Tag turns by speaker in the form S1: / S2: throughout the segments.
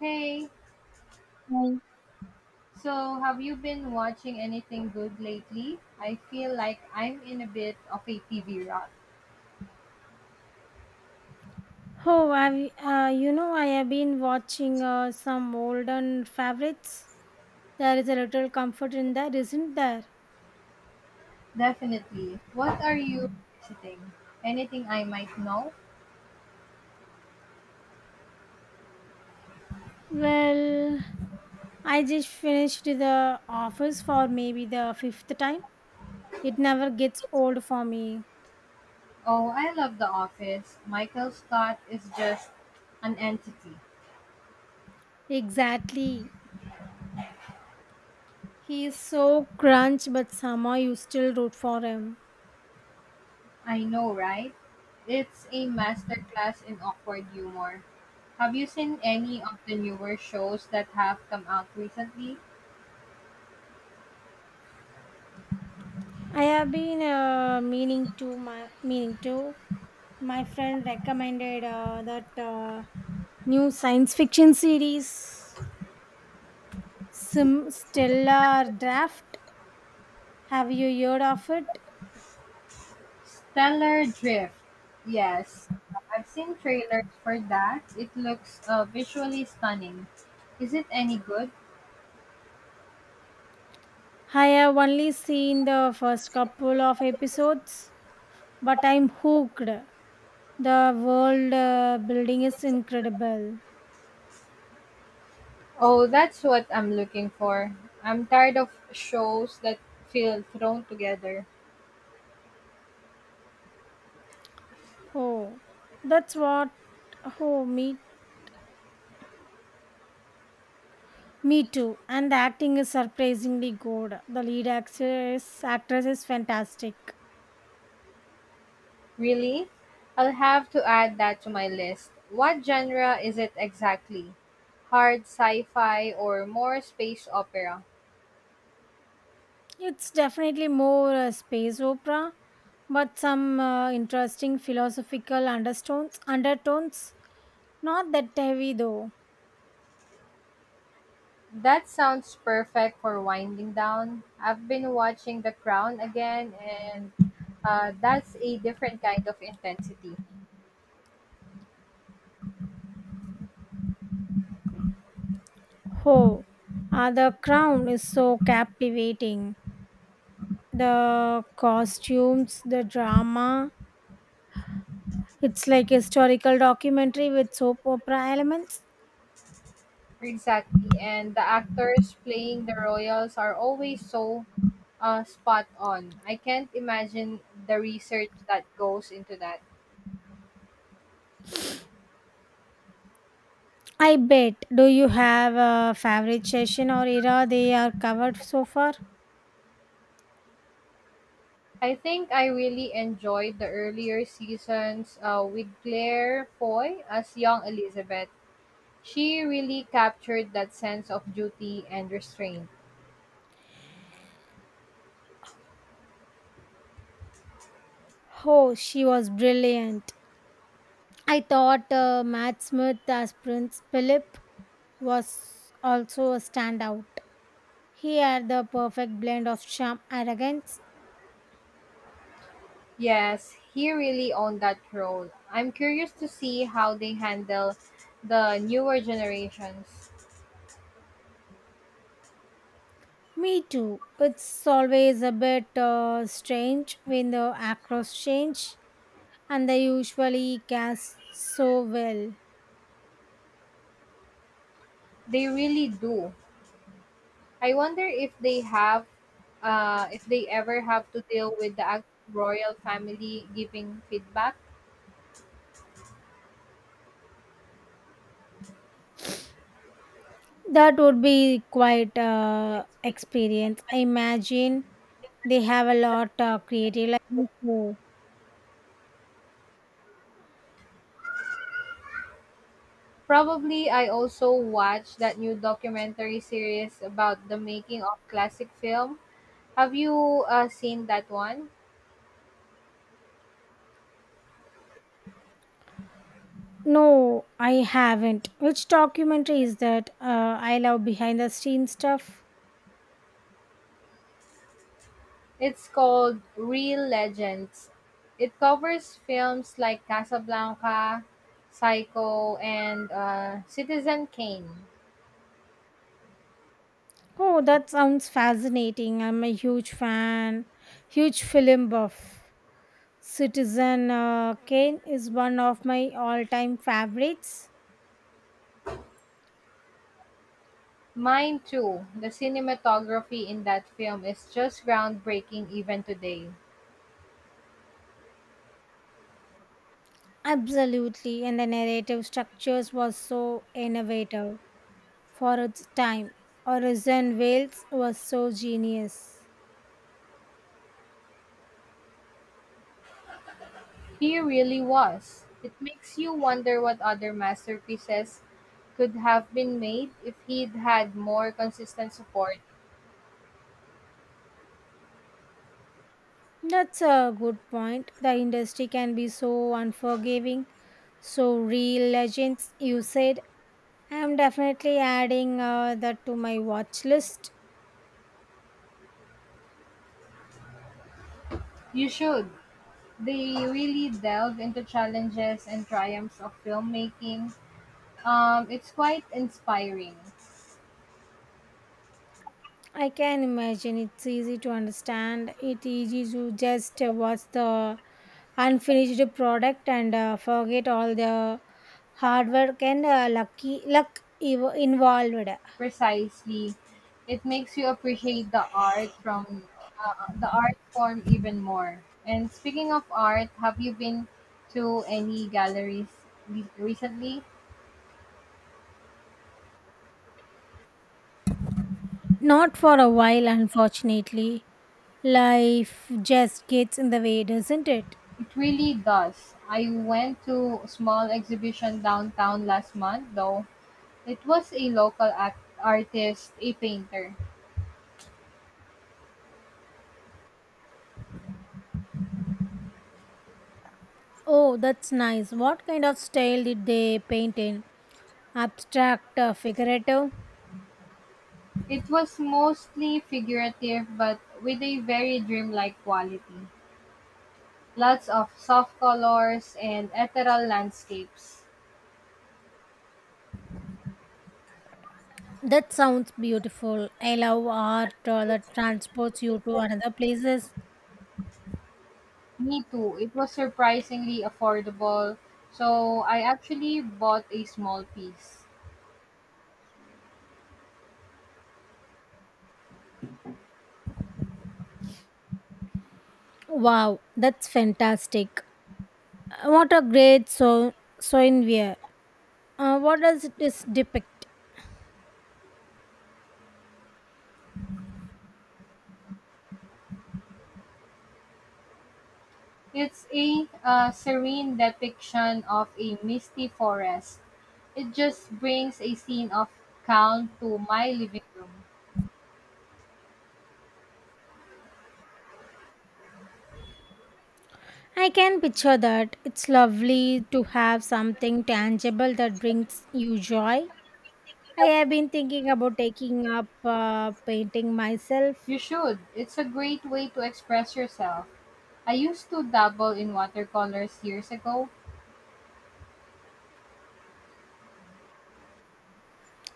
S1: Hey,
S2: Hi.
S1: so have you been watching anything good lately? I feel like I'm in a bit of a TV rut.
S2: Oh, I have been watching some olden favorites. There is a little comfort in that, isn't there?
S1: Definitely. What are you visiting? Anything I might know?
S2: Well, I just finished The Office for maybe the fifth time. It never gets old for me.
S1: Oh, I love The Office. Michael Scott is just an entity.
S2: Exactly. He is so crunch, but somehow you still root for him.
S1: I know, right? It's a masterclass in awkward humor. Have you seen any of the newer shows that have come out recently?
S2: I have been meaning to. My friend recommended that new science fiction series, Sim Stellar Draft. Have you heard of it?
S1: Stellar Drift. Yes, I've seen trailers for that. It looks visually stunning. Is it any good?
S2: I have only seen the first couple of episodes, but I'm hooked. The world building is incredible.
S1: Oh, that's what I'm looking for. I'm tired of shows that feel thrown together.
S2: Oh, that's what. Oh, me too. And the acting is surprisingly good. The lead actress is fantastic.
S1: Really? I'll have to add that to my list. What genre is it exactly? Hard sci fi or more space opera?
S2: It's definitely more a space opera, but some interesting philosophical undertones. Undertones, not that heavy though.
S1: That sounds perfect for winding down. I've been watching The Crown again, and that's a different kind of intensity.
S2: Oh, the Crown is so captivating. The costumes, the drama. It's like historical documentary with soap opera elements.
S1: Exactly. And the actors playing the royals are always so spot on. I can't imagine the research that goes into that.
S2: I bet. Do you have a favorite session or era they are covered so far?
S1: I think I really enjoyed the earlier seasons with Claire Foy as young Elizabeth. She really captured that sense of duty and restraint.
S2: Oh, she was brilliant. I thought Matt Smith as Prince Philip was also a standout. He had the perfect blend of charm arrogance.
S1: Yes, he really owned that role. I'm curious to see how they handle the newer generations.
S2: Me too. It's always a bit strange when the actors change, and they usually cast so well.
S1: They really do. I wonder if they have, if they ever have to deal with the royal family giving feedback.
S2: That would be quite a experience. I imagine they have a lot of creative license.
S1: Probably, I also watched that new documentary series about the making of classic film. Have you seen that one?
S2: No, I haven't. Which documentary is that? I love behind the scenes stuff.
S1: It's called Real Legends. It covers films like Casablanca, Psycho, and Citizen Kane.
S2: Oh, that sounds fascinating. I'm a huge huge film buff. Citizen Kane is one of my all time favorites.
S1: Mine too. The cinematography in that film is just groundbreaking even today.
S2: Absolutely, and the narrative structures was so innovative for its time. Orson Welles was so genius.
S1: He really was. It makes you wonder what other masterpieces could have been made if he'd had more consistent support.
S2: That's a good point. The industry can be so unforgiving. So, Real Legends, you said. I'm definitely adding that to my watch list.
S1: You should. They really delve into challenges and triumphs of filmmaking. It's quite inspiring.
S2: I can imagine it's easy to understand. It's easy to just watch the unfinished product and forget all the hard work and involved.
S1: Precisely, it makes you appreciate the art from the art form even more. And speaking of art, have you been to any galleries recently?
S2: Not for a while, unfortunately. Life just gets in the way, doesn't it?
S1: It really does. I went to a small exhibition downtown last month, though. It was a local artist, a painter.
S2: Oh, that's nice. What kind of style did they paint in? Abstract, figurative?
S1: It was mostly figurative, but with a very dreamlike quality. Lots of soft colors and ethereal landscapes.
S2: That sounds beautiful. I love art that transports you to another places.
S1: Me too. It was surprisingly affordable, so I actually bought a small piece.
S2: Wow, that's fantastic. What a great souvenir. What does this depict?
S1: It's a serene depiction of a misty forest. It just brings a scene of calm to my living room.
S2: I can picture that. It's lovely to have something tangible that brings you joy. I have been thinking about taking up painting myself.
S1: You should. It's a great way to express yourself. I used to dabble in watercolors years ago.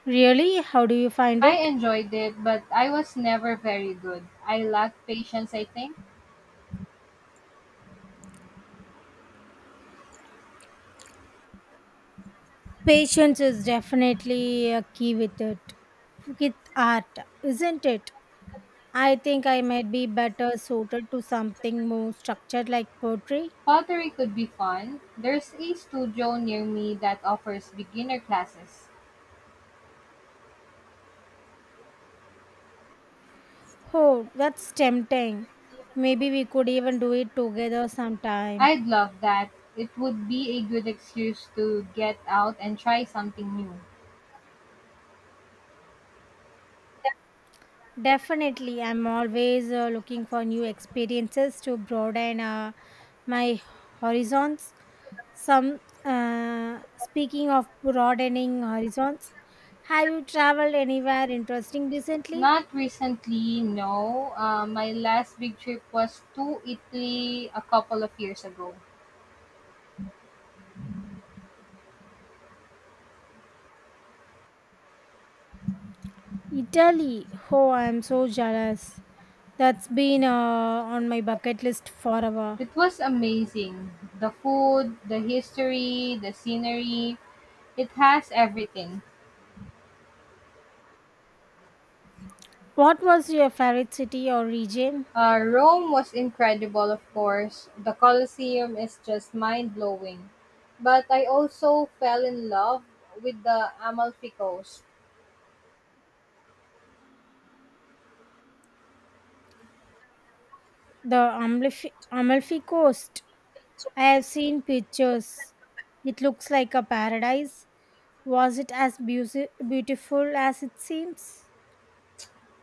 S2: Really? How do you find
S1: I
S2: it?
S1: enjoyed it, but I was never very good. I lacked patience, I think.
S2: Patience is definitely a key with it, with art, isn't it? I think I might be better suited to something more structured like poetry.
S1: Pottery could be fun. There's a studio near me that offers beginner classes.
S2: Oh, that's tempting. Maybe we could even do it together sometime.
S1: I'd love that. It would be a good excuse to get out and try something new.
S2: Definitely, I'm always looking for new experiences to broaden my horizons. Some Speaking of broadening horizons, have you traveled anywhere interesting recently?
S1: Not recently, no. My last big trip was to Italy a couple of years ago.
S2: Italy. Oh, I'm so jealous. That's been on my bucket list forever.
S1: It was amazing. The food, the history, the scenery, it has everything.
S2: What was your favorite city or region?
S1: Rome was incredible, of course. The Colosseum is just mind blowing. But I also fell in love with the Amalfi Coast,
S2: The Amalfi Coast. I have seen pictures. It looks like a paradise. Was it as beautiful as it seems?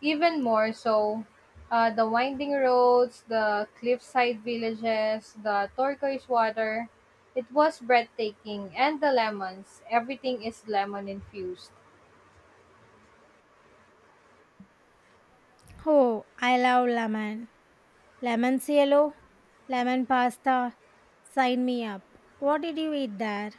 S1: even more so. The winding roads, the cliffside villages, the turquoise water. It was breathtaking. And the lemons. Everything is lemon infused.
S2: Oh, I love lemon. Lemon cielo, lemon pasta. Sign me up. What did you eat there?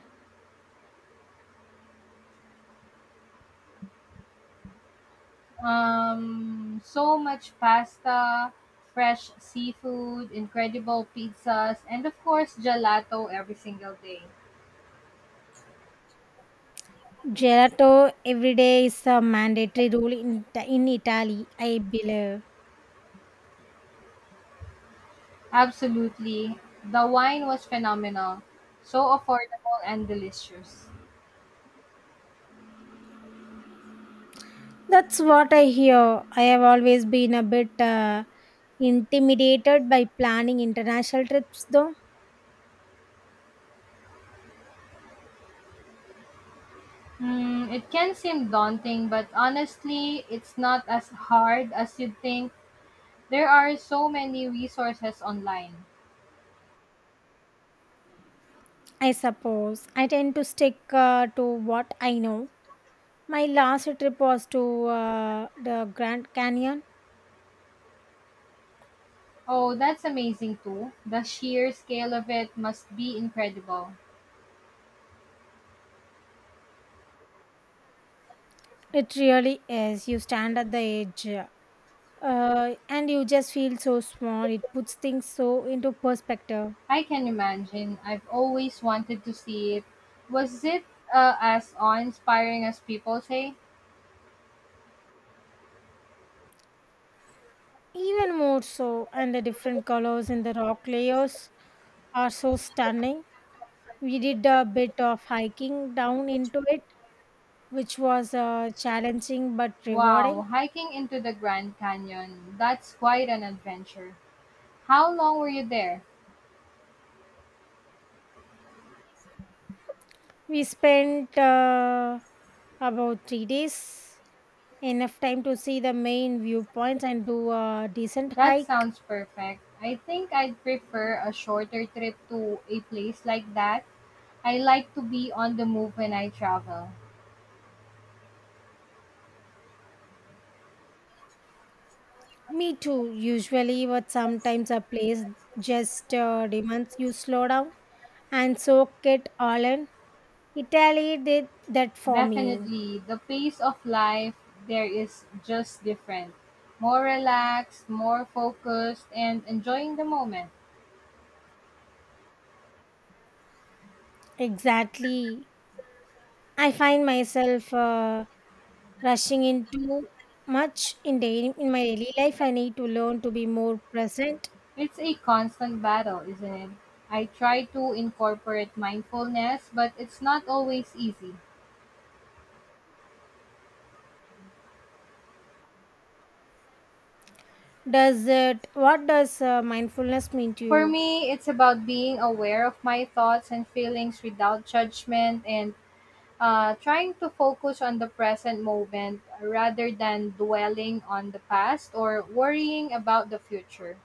S1: So much pasta, fresh seafood, incredible pizzas, and of course, gelato every single day.
S2: Gelato every day is a mandatory rule in Italy, I believe.
S1: Absolutely. The wine was phenomenal, so affordable and delicious.
S2: That's what I hear. I have always been a bit intimidated by planning international trips, though.
S1: It can seem daunting, but honestly, it's not as hard as you'd think. There are so many resources online.
S2: I suppose I tend to stick to what I know. My last trip was to the Grand Canyon.
S1: Oh, that's amazing too. The sheer scale of it must be incredible.
S2: It really is. You stand at the edge and you just feel so small. It puts things so into perspective.
S1: I can imagine. I've always wanted to see it. Was it as awe-inspiring as people say?
S2: Even more so, and the different colors in the rock layers are so stunning. We did a bit of hiking down into it, which was challenging but rewarding.
S1: Wow, hiking into the Grand Canyon. That's quite an adventure. How long were you there?
S2: We spent about 3 days, enough time to see the main viewpoints and do a decent
S1: That
S2: hike.
S1: sounds perfect. I think I'd prefer a shorter trip to a place like that. I like to be on the move when I travel.
S2: Me too, usually, but sometimes a place just demands you slow down and soak it all in. Italy did that for me.
S1: Definitely, the pace of life there is just different. More relaxed, more focused, and enjoying the moment.
S2: Exactly. I find myself. Rushing into much in my daily life. I need to learn to be more present.
S1: It's a constant battle, isn't it? I try to incorporate mindfulness, but it's not always easy.
S2: Does it What does mindfulness mean to
S1: For
S2: you?
S1: me, it's about being aware of my thoughts and feelings without judgment and trying to focus on the present moment rather than dwelling on the past or worrying about the future.